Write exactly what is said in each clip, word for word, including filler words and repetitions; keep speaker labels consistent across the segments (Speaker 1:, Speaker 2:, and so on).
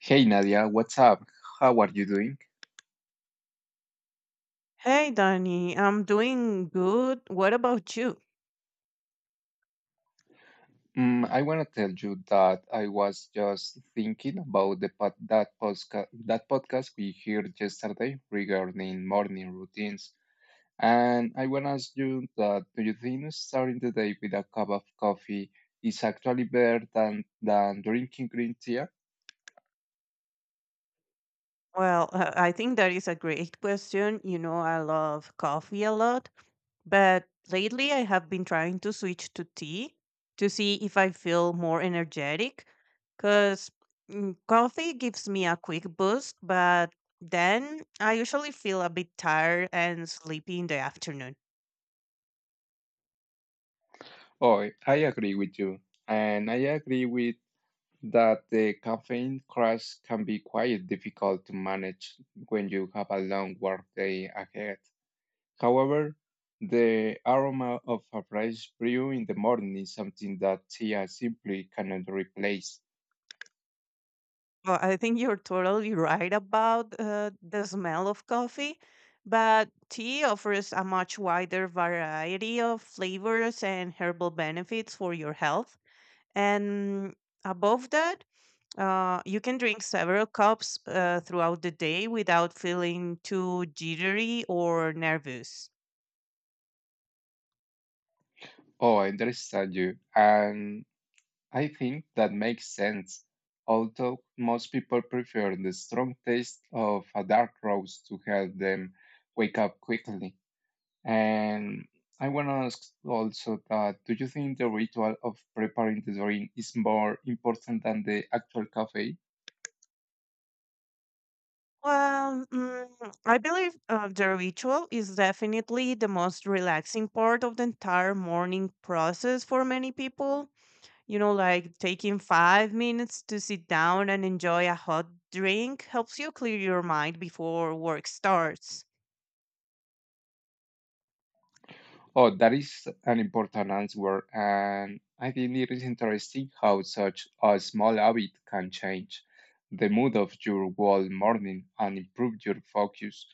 Speaker 1: Hey Nadia, what's up? How are you doing?
Speaker 2: Hey, Danny, I'm doing good. What about you?
Speaker 1: Mm, I want to tell you that I was just thinking about the pod that podcast that podcast we heard yesterday regarding morning routines, and I want to ask you that do you think starting the day with a cup of coffee is actually better than than drinking green tea?
Speaker 2: Well, uh, I think that is a great question. You know, I love coffee a lot, but lately I have been trying to switch to tea to see if I feel more energetic because coffee gives me a quick boost, but then I usually feel a bit tired and sleepy in the afternoon.
Speaker 1: Oh, I agree with you, and I agree with that the caffeine crash can be quite difficult to manage when you have a long workday ahead. However, the aroma of a fresh brew in the morning is something that tea simply cannot replace.
Speaker 2: Well, I think you're totally right about uh, the smell of coffee, but tea offers a much wider variety of flavors and herbal benefits for your health. And above that, uh, you can drink several cups uh, throughout the day without feeling too jittery or nervous.
Speaker 1: Oh, I understand you. And I think that makes sense. Although most people prefer the strong taste of a dark roast to help them wake up quickly. And I want to ask also that do you think the ritual of preparing the drink is more important than the actual cafe?
Speaker 2: Well, mm, I believe uh, the ritual is definitely the most relaxing part of the entire morning process for many people. You know, like taking five minutes to sit down and enjoy a hot drink helps you clear your mind before work starts.
Speaker 1: Oh, that is an important answer, and I think it is interesting how such a small habit can change the mood of your whole morning and improve your focus.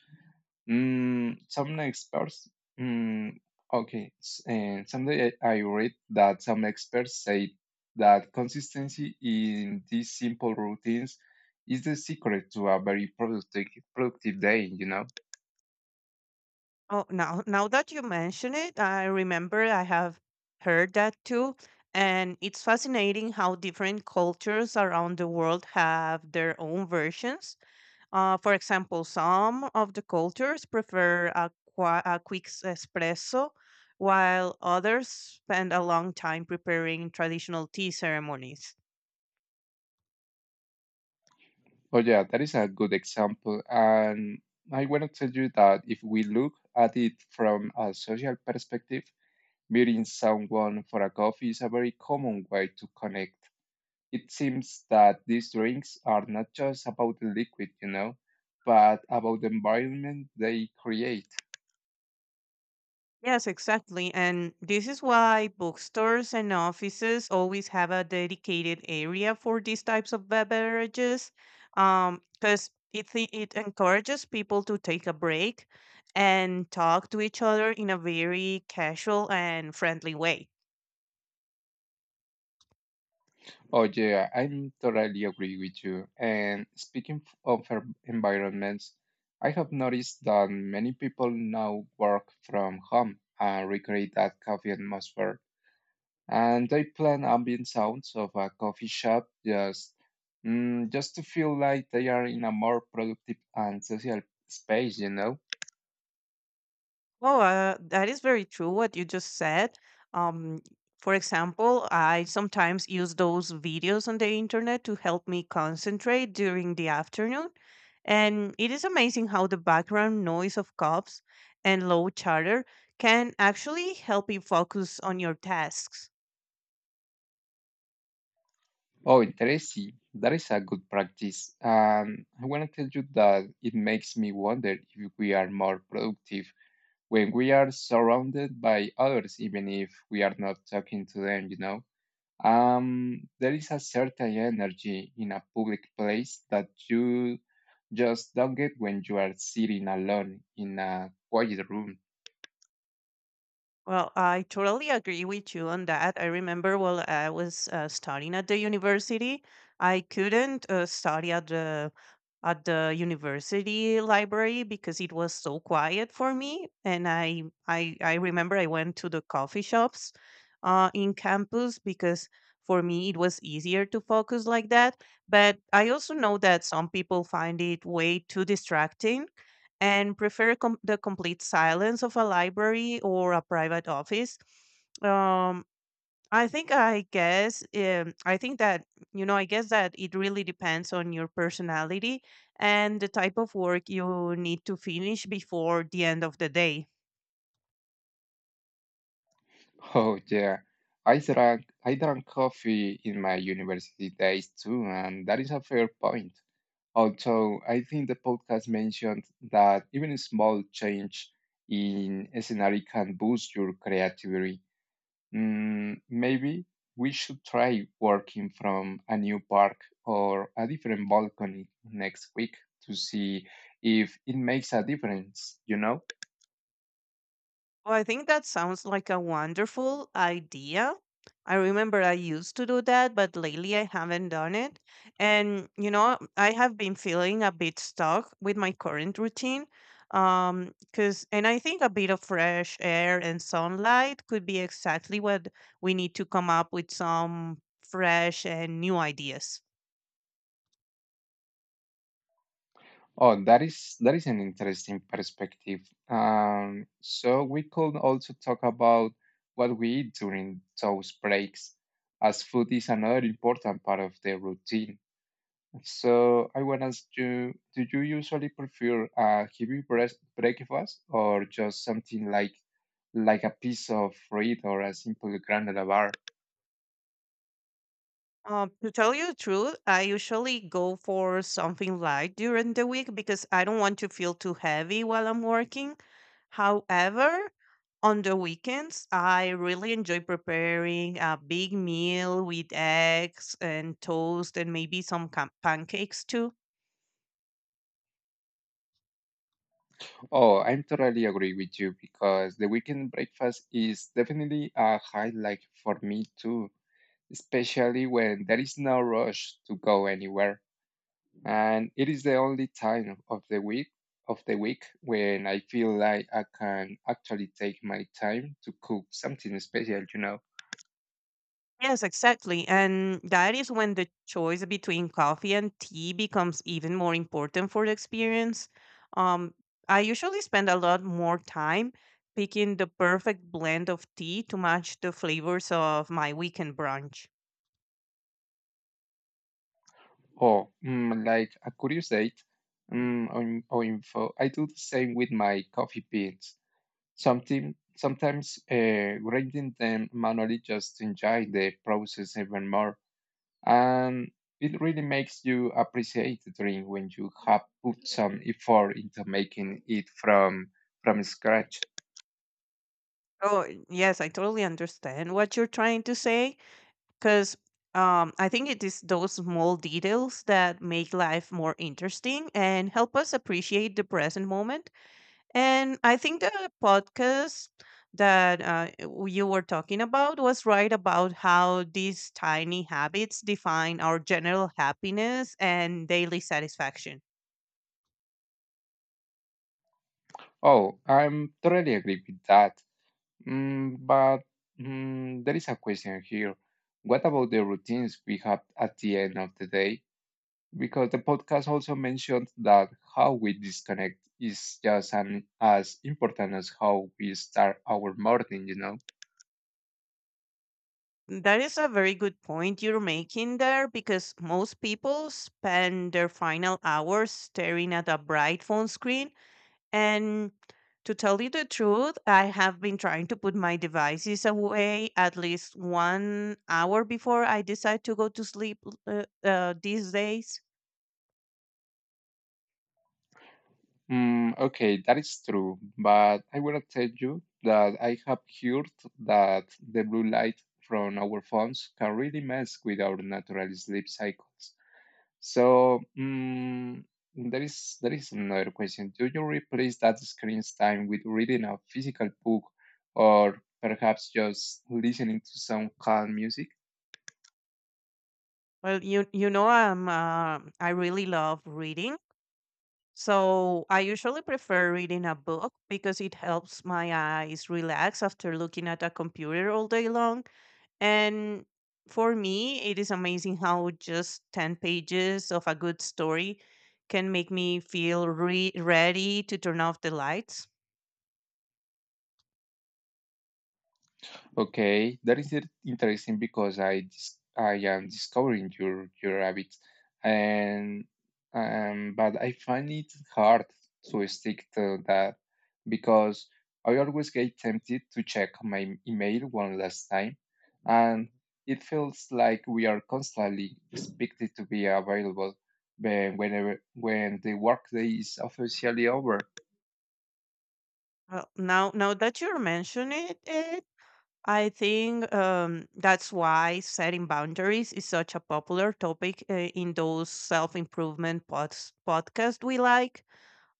Speaker 1: Mm, some experts, mm, okay, s- and someday I I read that some experts say that consistency in these simple routines is the secret to a very productive productive day. You know.
Speaker 2: Oh, now now that you mention it, I remember I have heard that too. And it's fascinating how different cultures around the world have their own versions. Uh, for example, some of the cultures prefer a, qua- a quick s- espresso, while others spend a long time preparing traditional tea ceremonies.
Speaker 1: Oh, yeah, that is a good example. And I want to tell you that if we look at it from a social perspective, meeting someone for a coffee is a very common way to connect. It seems that these drinks are not just about the liquid, you know, but about the environment they create.
Speaker 2: Yes, exactly. And this is why bookstores and offices always have a dedicated area for these types of be- beverages, because it, thi- it encourages people to take a break and talk to each other in a very casual and friendly way.
Speaker 1: Oh yeah, I totally agree with you. And speaking f- of en- environments, I have noticed that many people now work from home and recreate that coffee atmosphere. And they plan ambient sounds of a coffee shop just mm, just to feel like they are in a more productive and social space, you know?
Speaker 2: Oh, uh, that is very true what you just said. Um, for example, I sometimes use those videos on the internet to help me concentrate during the afternoon. And it is amazing how the background noise of cops and low chatter can actually help you focus on your tasks.
Speaker 1: Oh, interesting. That is a good practice. And I want to tell you that it makes me wonder if we are more productive when we are surrounded by others, even if we are not talking to them, you know. Um, there is a certain energy in a public place that you just don't get when you are sitting alone in a quiet room.
Speaker 2: Well, I totally agree with you on that. I remember while I was uh, studying at the university, I couldn't uh, study at the at the university library because it was so quiet for me and i i, I remember I went to the coffee shops uh, in campus because for me it was easier to focus like that, but I also know that some people find it way too distracting and prefer com- the complete silence of a library or a private office. Um, I think I guess um, I think that you know I guess that it really depends on your personality and the type of work you need to finish before the end of the day.
Speaker 1: Oh yeah, I drank I drank coffee in my university days too, and that is a fair point. Although I think the podcast mentioned that even a small change in a scenario can boost your creativity. Mm, maybe we should try working from a new park or a different balcony next week to see if it makes a difference, you know?
Speaker 2: Well, I think that sounds like a wonderful idea. I remember I used to do that, but lately I haven't done it. And, you know, I have been feeling a bit stuck with my current routine. Um, 'cause, and I think a bit of fresh air and sunlight could be exactly what we need to come up with some fresh and new ideas.
Speaker 1: Oh, that is that is an interesting perspective. Um, so we could also talk about what we eat during those breaks, as food is another important part of the routine. So I want to ask you, do you usually prefer a heavy breas- breakfast or just something like like a piece of bread or a simple granola bar?
Speaker 2: Um, to tell you the truth, I usually go for something light during the week because I don't want to feel too heavy while I'm working. However, on the weekends, I really enjoy preparing a big meal with eggs and toast and maybe some cam- pancakes too.
Speaker 1: Oh, I'm totally agree with you because the weekend breakfast is definitely a highlight for me too, especially when there is no rush to go anywhere. And it is the only time of the week of the week when I feel like I can actually take my time to cook something special, you know.
Speaker 2: Yes, exactly. And that is when the choice between coffee and tea becomes even more important for the experience. Um, I usually spend a lot more time picking the perfect blend of tea to match the flavors of my weekend brunch.
Speaker 1: Oh, mm, like a curious date mm, or, in- or info. I do the same with my coffee beans. Something, sometimes uh, grinding them manually just to enjoy the process even more. And it really makes you appreciate the drink when you have put some effort into making it from from scratch.
Speaker 2: Oh, yes, I totally understand what you're trying to say because um, I think it is those small details that make life more interesting and help us appreciate the present moment. And I think the podcast that uh, w- you were talking about was right about how these tiny habits define our general happiness and daily satisfaction.
Speaker 1: Oh, I'm totally agree with that. Mm, but mm, there is a question here. What about the routines we have at the end of the day? Because the podcast also mentioned that how we disconnect is just an, as important as how we start our morning, you know?
Speaker 2: That is a very good point you're making there because most people spend their final hours staring at a bright phone screen. And to tell you the truth, I have been trying to put my devices away at least one hour before I decide to go to sleep uh, uh, these days.
Speaker 1: Mm, okay, that is true. But I want to tell you that I have heard that the blue light from our phones can really mess with our natural sleep cycles. So, mm, there is there is another question. Do you replace that screen time with reading a physical book or perhaps just listening to some calm music?
Speaker 2: Well, you you know, I'm uh, I really love reading. So I usually prefer reading a book because it helps my eyes relax after looking at a computer all day long. And for me, it is amazing how just ten pages of a good story can make me feel re- ready to turn off the lights.
Speaker 1: Okay, that is it- interesting because I dis- I am discovering your your habits, and um, but I find it hard to stick to that because I always get tempted to check my email one last time, and it feels like we are constantly expected to be available when- whenever when the workday is officially over.
Speaker 2: Well, now, now that you're mentioning it, it I think um, that's why setting boundaries is such a popular topic uh, in those self improvement pods- podcasts we like,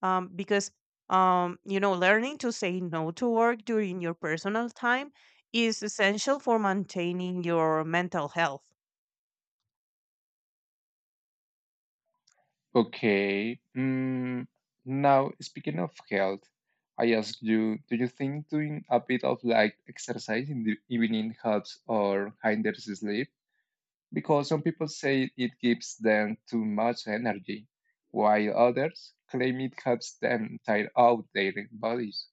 Speaker 2: um, because um, you know, learning to say no to work during your personal time is essential for maintaining your mental health.
Speaker 1: Okay. Mm, now, speaking of health, I ask you, do you think doing a bit of light exercise in the evening helps or hinders sleep? Because some people say it gives them too much energy, while others claim it helps them tire out their bodies.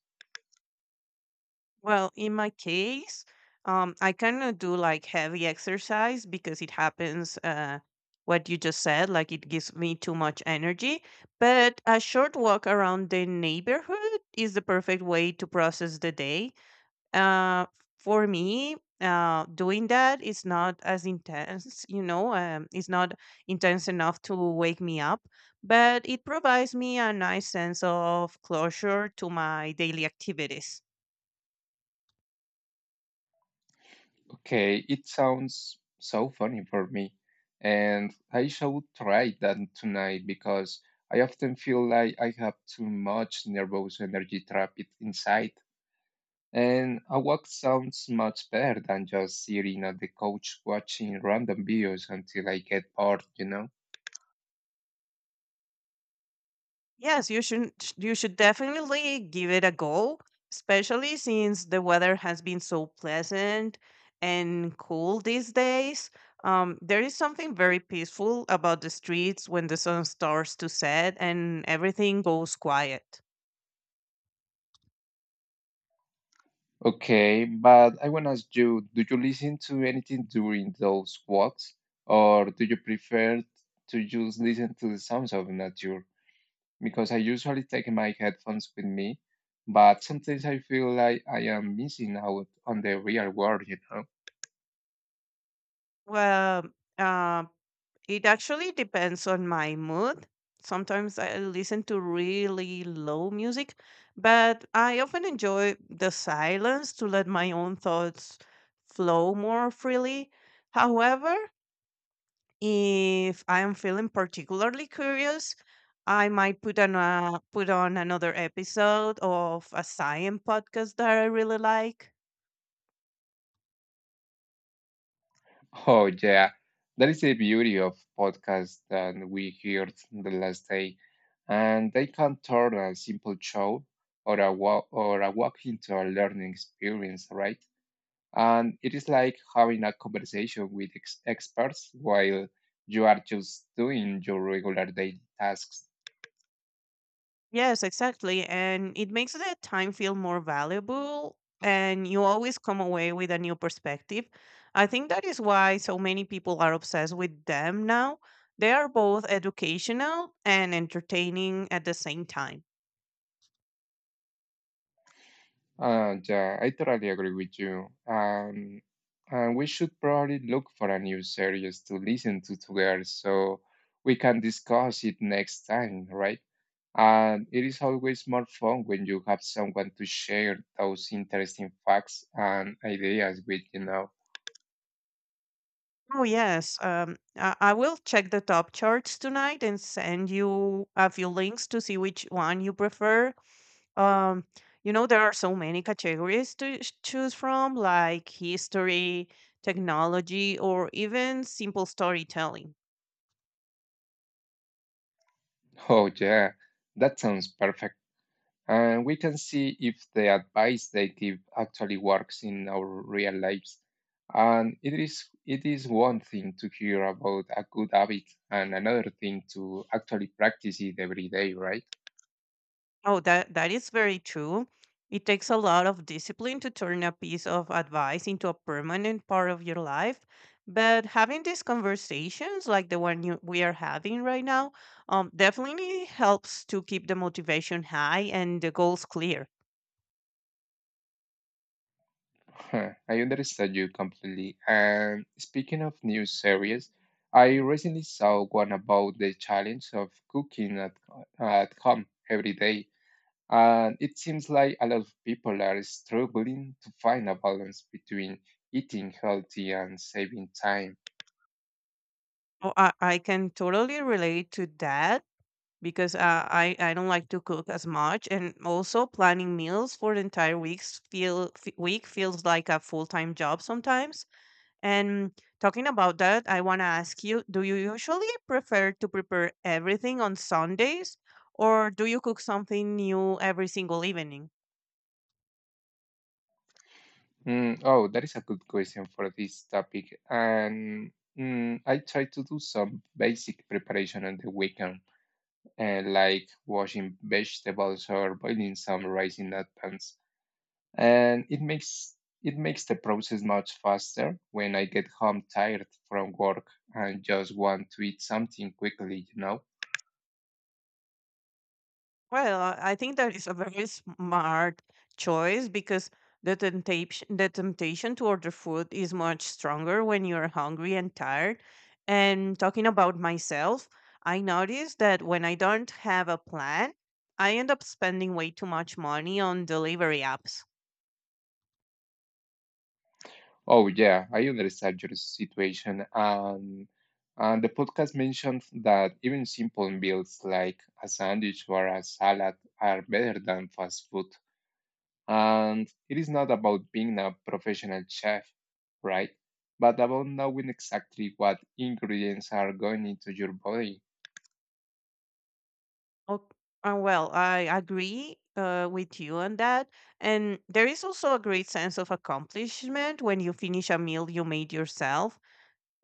Speaker 2: Well, in my case, um, I cannot do like heavy exercise because it happens uh, what you just said, like it gives me too much energy, but a short walk around the neighborhood is the perfect way to process the day. uh, for me, uh, doing that is not as intense, you know, um, it's not intense enough to wake me up, but it provides me a nice sense of closure to my daily activities.
Speaker 1: Okay, it sounds so funny for me, and I should try that tonight because I often feel like I have too much nervous energy trapped inside. And a walk sounds much better than just sitting on the couch watching random videos until I get bored, you know?
Speaker 2: Yes, you should you should definitely give it a go, especially since the weather has been so pleasant and cool these days. Um, there is something very peaceful about the streets when the sun starts to set and everything goes quiet.
Speaker 1: Okay, but I want to ask you, do you listen to anything during those walks, or do you prefer to just listen to the sounds of nature? Because I usually take my headphones with me, but sometimes I feel like I am missing out on the real world, you know?
Speaker 2: Well, uh, it actually depends on my mood. Sometimes I listen to really low music, but I often enjoy the silence to let my own thoughts flow more freely. However, if I am feeling particularly curious, I might put on a, put on another episode of a science podcast that I really like.
Speaker 1: Oh, yeah. That is the beauty of podcasts that we heard the last day. And they can turn a simple show or a walk or a walk into a learning experience, right? And it is like having a conversation with ex- experts while you are just doing your regular daily tasks.
Speaker 2: Yes, exactly. And it makes the time feel more valuable and you always come away with a new perspective. I think that is why so many people are obsessed with them now. They are both educational and entertaining at the same time.
Speaker 1: And uh, I totally agree with you. Um, and we should probably look for a new series to listen to together so we can discuss it next time, right? And it is always more fun when you have someone to share those interesting facts and ideas with, you know.
Speaker 2: Oh, yes. Um, I, I will check the top charts tonight and send you a few links to see which one you prefer. Um, you know, there are so many categories to ch- choose from, like history, technology, or even simple storytelling.
Speaker 1: Oh, yeah, that sounds perfect. And we can see if the advice they give actually works in our real lives. And it is it is one thing to hear about a good habit and another thing to actually practice it every day, right?
Speaker 2: Oh, that that is very true. It takes a lot of discipline to turn a piece of advice into a permanent part of your life. But having these conversations, like the one you, we are having right now, um, definitely helps to keep the motivation high and the goals clear.
Speaker 1: Huh, I understand you completely. And speaking of new series, I recently saw one about the challenge of cooking at, at home every day. And it seems like a lot of people are struggling to find a balance between eating healthy and saving time.
Speaker 2: Oh, I, I can totally relate to that because uh, I I don't like to cook as much, and also planning meals for the entire weeks feel f- week feels like a full time job sometimes. And talking about that, I want to ask you: do you usually prefer to prepare everything on Sundays, or do you cook something new every single evening?
Speaker 1: Mm, oh, that is a good question for this topic. And mm, I try to do some basic preparation on the weekend, uh, like washing vegetables or boiling some rice in advance. And it makes it makes the process much faster when I get home tired from work and just want to eat something quickly, you know.
Speaker 2: Well, uh, I think that is a very smart choice because the temptation the temptation to order food is much stronger when you're hungry and tired. And talking about myself, I noticed that when I don't have a plan, I end up spending way too much money on delivery apps.
Speaker 1: Oh yeah, I understand your situation. And and the podcast mentioned that even simple meals like a sandwich or a salad are better than fast food. And it is not about being a professional chef, right? But about knowing exactly what ingredients are going into your body.
Speaker 2: Oh, uh, well, I agree uh, with you on that. And there is also a great sense of accomplishment when you finish a meal you made yourself.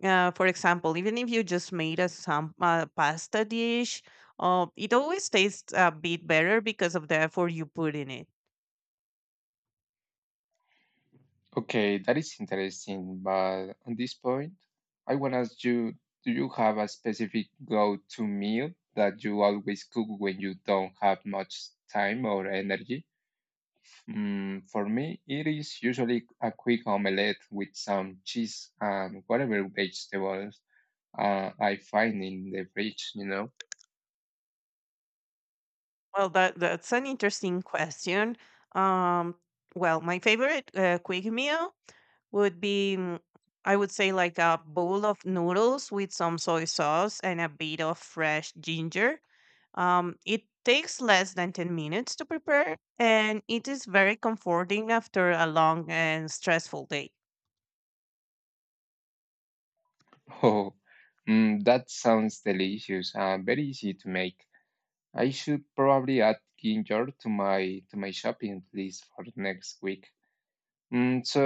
Speaker 2: uh, For example, even if you just made a some uh, pasta dish, uh, it always tastes a bit better because of the effort you put in it.
Speaker 1: Okay, that is interesting. But on this point, I want to ask you, do you have a specific go-to meal that you always cook when you don't have much time or energy? Mm, for me, it is usually a quick omelette with some cheese and whatever vegetables uh, I find in the fridge, you know?
Speaker 2: Well, that that's an interesting question. Um, well, my favorite uh, quick meal would be, mm, I would say, like a bowl of noodles with some soy sauce and a bit of fresh ginger. Um, it takes less than ten minutes to prepare, and it is very comforting after a long and stressful day.
Speaker 1: Oh, mm, that sounds delicious and very easy to make. I should probably add ginger to my to my shopping list for next week. Mm, so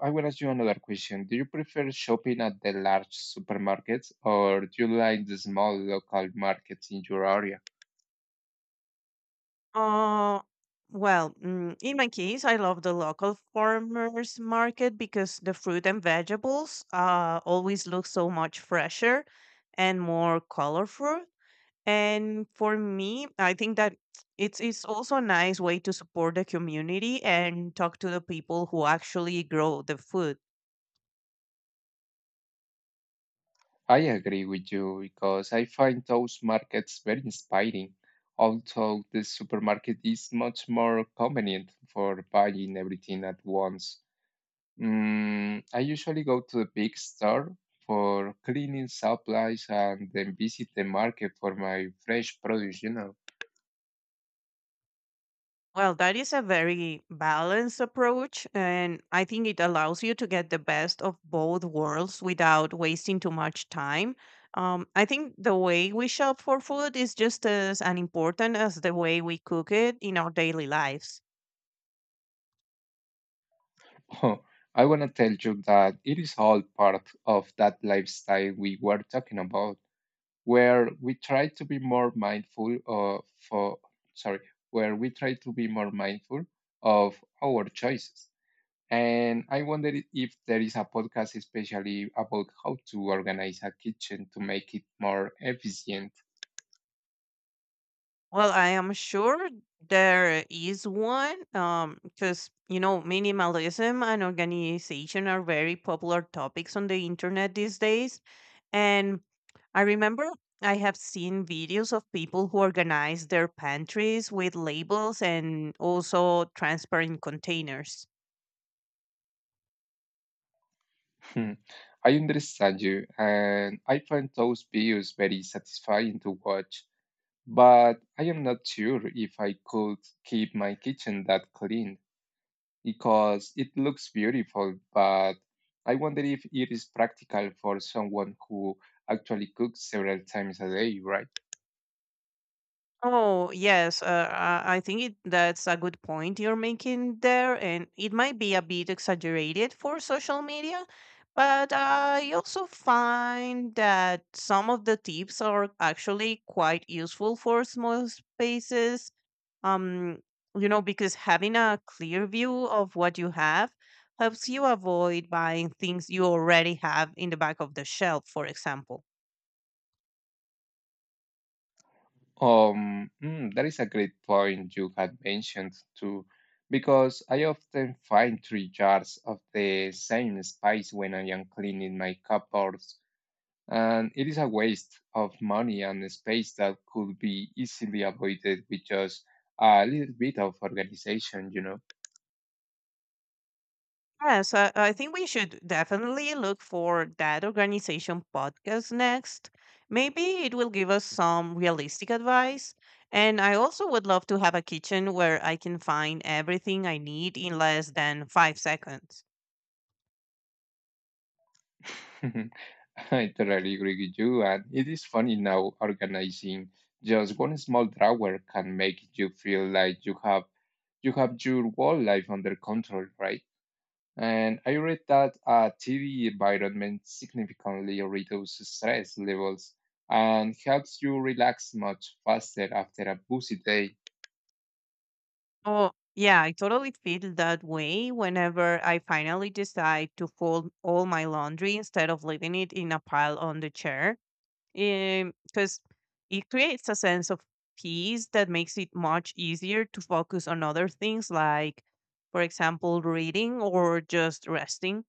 Speaker 1: I will ask you another question. Do you prefer shopping at the large supermarkets or do you like the small local markets in your area?
Speaker 2: Uh, well, mm, in my case, I love the local farmers market because the fruit and vegetables uh, always look so much fresher and more colorful. And for me, I think that it's it's also a nice way to support the community and talk to the people who actually grow the food.
Speaker 1: I agree with you because I find those markets very inspiring, although the supermarket is much more convenient for buying everything at once. Mm, I usually go to the big store for cleaning supplies and then visit the market for my fresh produce, you know.
Speaker 2: Well, that is a very balanced approach, and I think it allows you to get the best of both worlds without wasting too much time. Um, I think the way we shop for food is just as an important as the way we cook it in our daily lives.
Speaker 1: I want to tell you that it is all part of that lifestyle we were talking about, where we try to be more mindful of, for, sorry, where we try to be more mindful of our choices. And I wonder if there is a podcast especially about how to organize a kitchen to make it more efficient.
Speaker 2: Well, I am sure there is one, because you know minimalism and organization are very popular topics on the internet these days. And I remember I have seen videos of people who organize their pantries with labels and also transparent containers.
Speaker 1: Hmm, I understand you, and I find those videos very satisfying to watch, but I am not sure if I could keep my kitchen that clean because it looks beautiful, but I wonder if it is practical for someone who actually cooks several times a day, right?
Speaker 2: Oh, yes. Uh, I I think it, that's a good point you're making there. And it might be a bit exaggerated for social media, but I also find that some of the tips are actually quite useful for small spaces. um you know because having a clear view of what you have helps you avoid buying things you already have in the back of the shelf, for example.
Speaker 1: Um, mm, that is a great point you had mentioned too, because I often find three jars of the same spice when I am cleaning my cupboards, and it is a waste of money and space that could be easily avoided with just a little bit of organization, you know.
Speaker 2: Yeah, so I think we should definitely look for that organization podcast next. Maybe it will give us some realistic advice, and I also would love to have a kitchen where I can find everything I need in less than five seconds.
Speaker 1: I totally agree with you, and it is funny now organizing. Just one small drawer can make you feel like you have you have your whole life under control, right? And I read that a T V environment significantly reduces stress levels and helps you relax much faster after a busy day.
Speaker 2: Oh, yeah, I totally feel that way whenever I finally decide to fold all my laundry instead of leaving it in a pile on the chair. Because it creates a sense of peace that makes it much easier to focus on other things, like, for example, reading or just resting.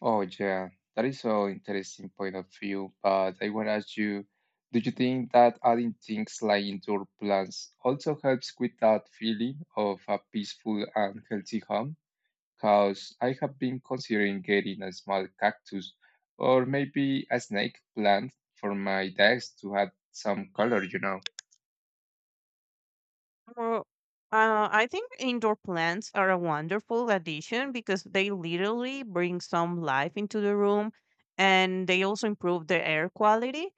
Speaker 1: Oh, yeah, that is so interesting point of view. But I want to ask you, do you think that adding things like indoor plants also helps with that feeling of a peaceful and healthy home? Because I have been considering getting a small cactus or maybe a snake plant for my desk to add some color, you know.
Speaker 2: Or, uh, I think indoor plants are a wonderful addition because they literally bring some life into the room, and they also improve the air quality.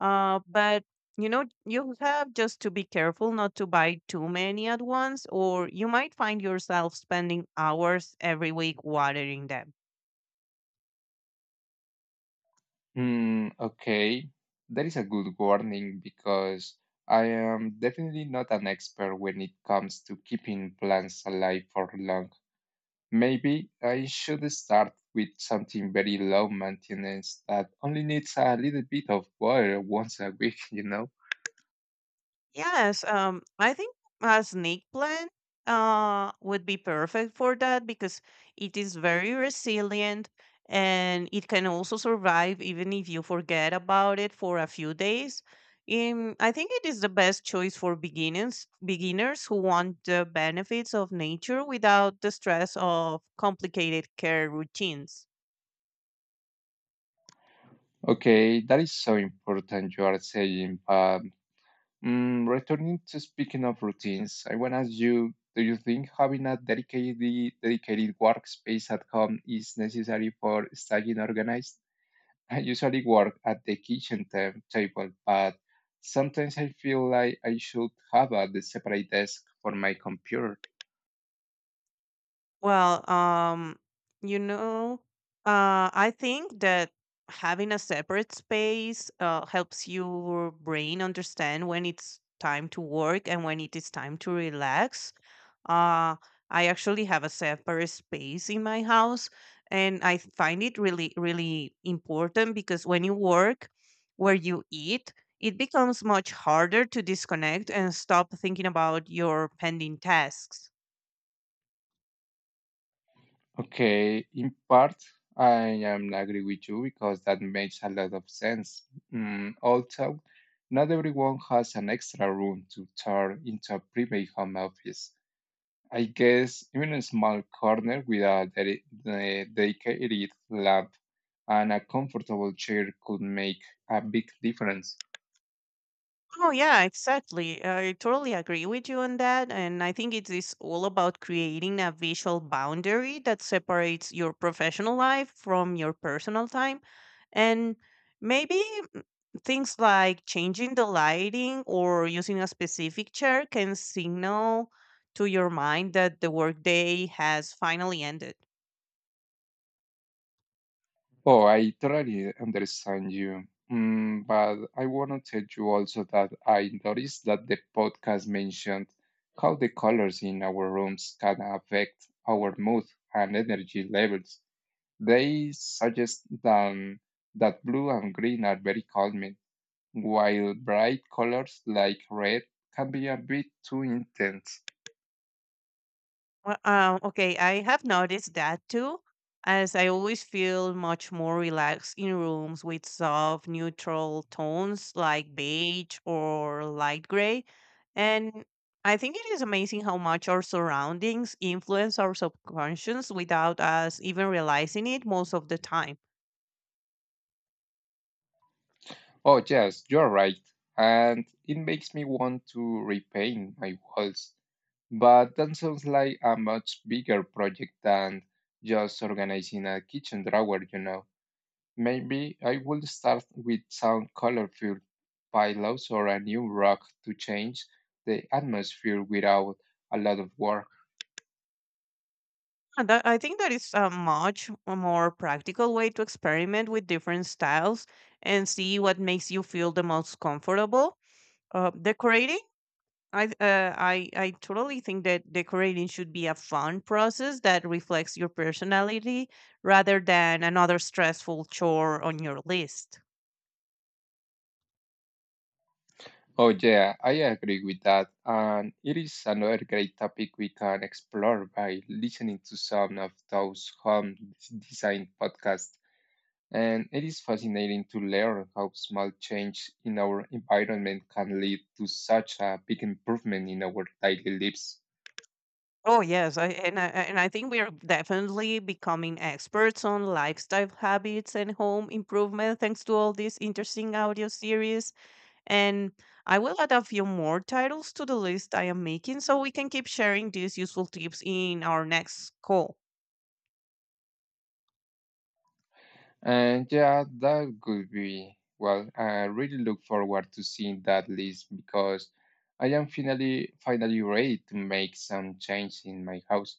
Speaker 2: Uh, but you know, you have just to be careful not to buy too many at once, or you might find yourself spending hours every week watering them.
Speaker 1: Hmm, okay. That is a good warning because I am definitely not an expert when it comes to keeping plants alive for long. Maybe I should start with something very low maintenance that only needs a little bit of water once a week, you know?
Speaker 2: Yes, um, I think a snake plant uh would be perfect for that, because it is very resilient and it can also survive even if you forget about it for a few days. Um, I think it is the best choice for beginners beginners who want the benefits of nature without the stress of complicated care routines.
Speaker 1: Okay, that is so important you are saying, but Mm, returning to speaking of routines, I want to ask you, do you think having a dedicated dedicated workspace at home is necessary for staying organized? I usually work at the kitchen ta- table, but sometimes I feel like I should have a separate desk for my computer.
Speaker 2: Well, um, you know, uh, I think that having a separate space uh, helps your brain understand when it's time to work and when it is time to relax. Uh, I actually have a separate space in my house, and I find it really, really important, because when you work where you eat, it becomes much harder to disconnect and stop thinking about your pending tasks.
Speaker 1: Okay, in part, I am agree with you because that makes a lot of sense. Mm, also, not everyone has an extra room to turn into a private home office. I guess even a small corner with a dedi- the dedicated lamp and a comfortable chair could make a big difference.
Speaker 2: Oh yeah, exactly. I totally agree with you on that, and I think it is all about creating a visual boundary that separates your professional life from your personal time, and maybe mm, things like changing the lighting or using a specific chair can signal to your mind that the workday has finally ended.
Speaker 1: Oh, I totally understand you. Mm, but I want to tell you also that I noticed that the podcast mentioned how the colors in our rooms can affect our mood and energy levels. They suggest then that blue and green are very calming, while bright colors like red can be a bit too intense.
Speaker 2: Well, um, okay, I have noticed that too, as I always feel much more relaxed in rooms with soft, neutral tones like beige or light gray. And I think it is amazing how much our surroundings influence our subconscious without us even realizing it most of the time.
Speaker 1: Oh, yes, you're right. And it makes me want to repaint my walls. But that sounds like a much bigger project than just organizing a kitchen drawer, you know. Maybe I will start with some colorful pillows or a new rug to change the atmosphere without a lot of work.
Speaker 2: And that- I think that is a much more practical way to experiment with different styles and see what makes you feel the most comfortable uh, decorating. I th- uh, I I totally think that decorating should be a fun process that reflects your personality rather than another stressful chore on your list.
Speaker 1: Oh, yeah, I agree with that. And it is another great topic we can explore by listening to some of those home d- design podcasts. And it is fascinating to learn how small change in our environment can lead to such a big improvement in our daily lives.
Speaker 2: Oh yes, I, and I, and I think we are definitely becoming experts on lifestyle habits and home improvement thanks to all these interesting audio series. And I will add a few more titles to the list I am making so we can keep sharing these useful tips in our next call.
Speaker 1: And yeah, that could be, well, I really look forward to seeing that list because I am finally finally ready to make some change in my house.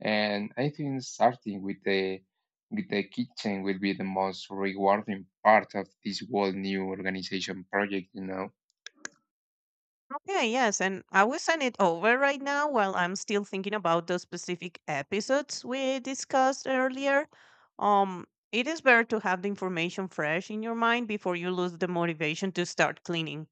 Speaker 1: And I think starting with the with the kitchen will be the most rewarding part of this whole new organization project, you know.
Speaker 2: Yeah, yes, and I will send it over right now while I'm still thinking about those specific episodes we discussed earlier. Um, it is better to have the information fresh in your mind before you lose the motivation to start cleaning.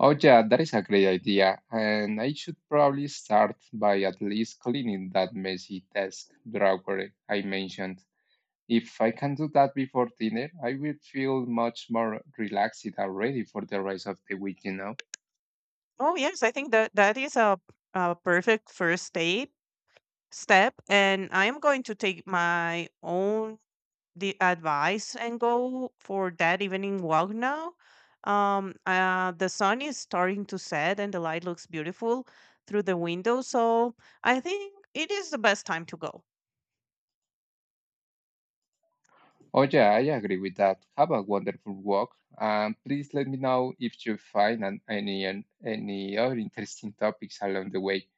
Speaker 1: Oh yeah, that is a great idea. And I should probably start by at least cleaning that messy desk drawer I mentioned. If I can do that before dinner, I will feel much more relaxed and ready for the rest of the week, you know?
Speaker 2: Oh, yes, I think that that is a, a perfect first step. step and I am going to take my own the advice and go for that evening walk now. Um uh the sun is starting to set and the light looks beautiful through the window, so I think it is the best time to go.
Speaker 1: Oh, yeah, I agree with that. Have a wonderful walk. And please let me know if you find an, any, an, any other interesting topics along the way.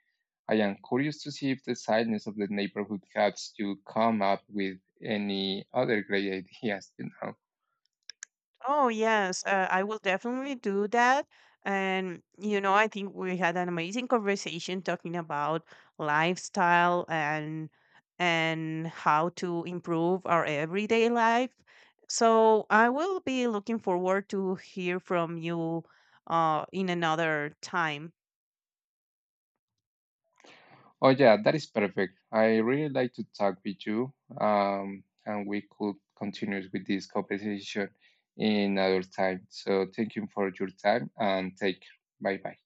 Speaker 1: I am curious to see if the silence of the neighborhood helps you come up with any other great ideas, you know?
Speaker 2: Oh, yes, uh, I will definitely do that. And, you know, I think we had an amazing conversation talking about lifestyle and and how to improve our everyday life. So I will be looking forward to hear from you uh, in another time.
Speaker 1: Oh yeah, that is perfect. I really like to talk with you, um, and we could continue with this conversation in another time. So thank you for your time and take care. Bye bye.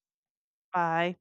Speaker 2: Bye.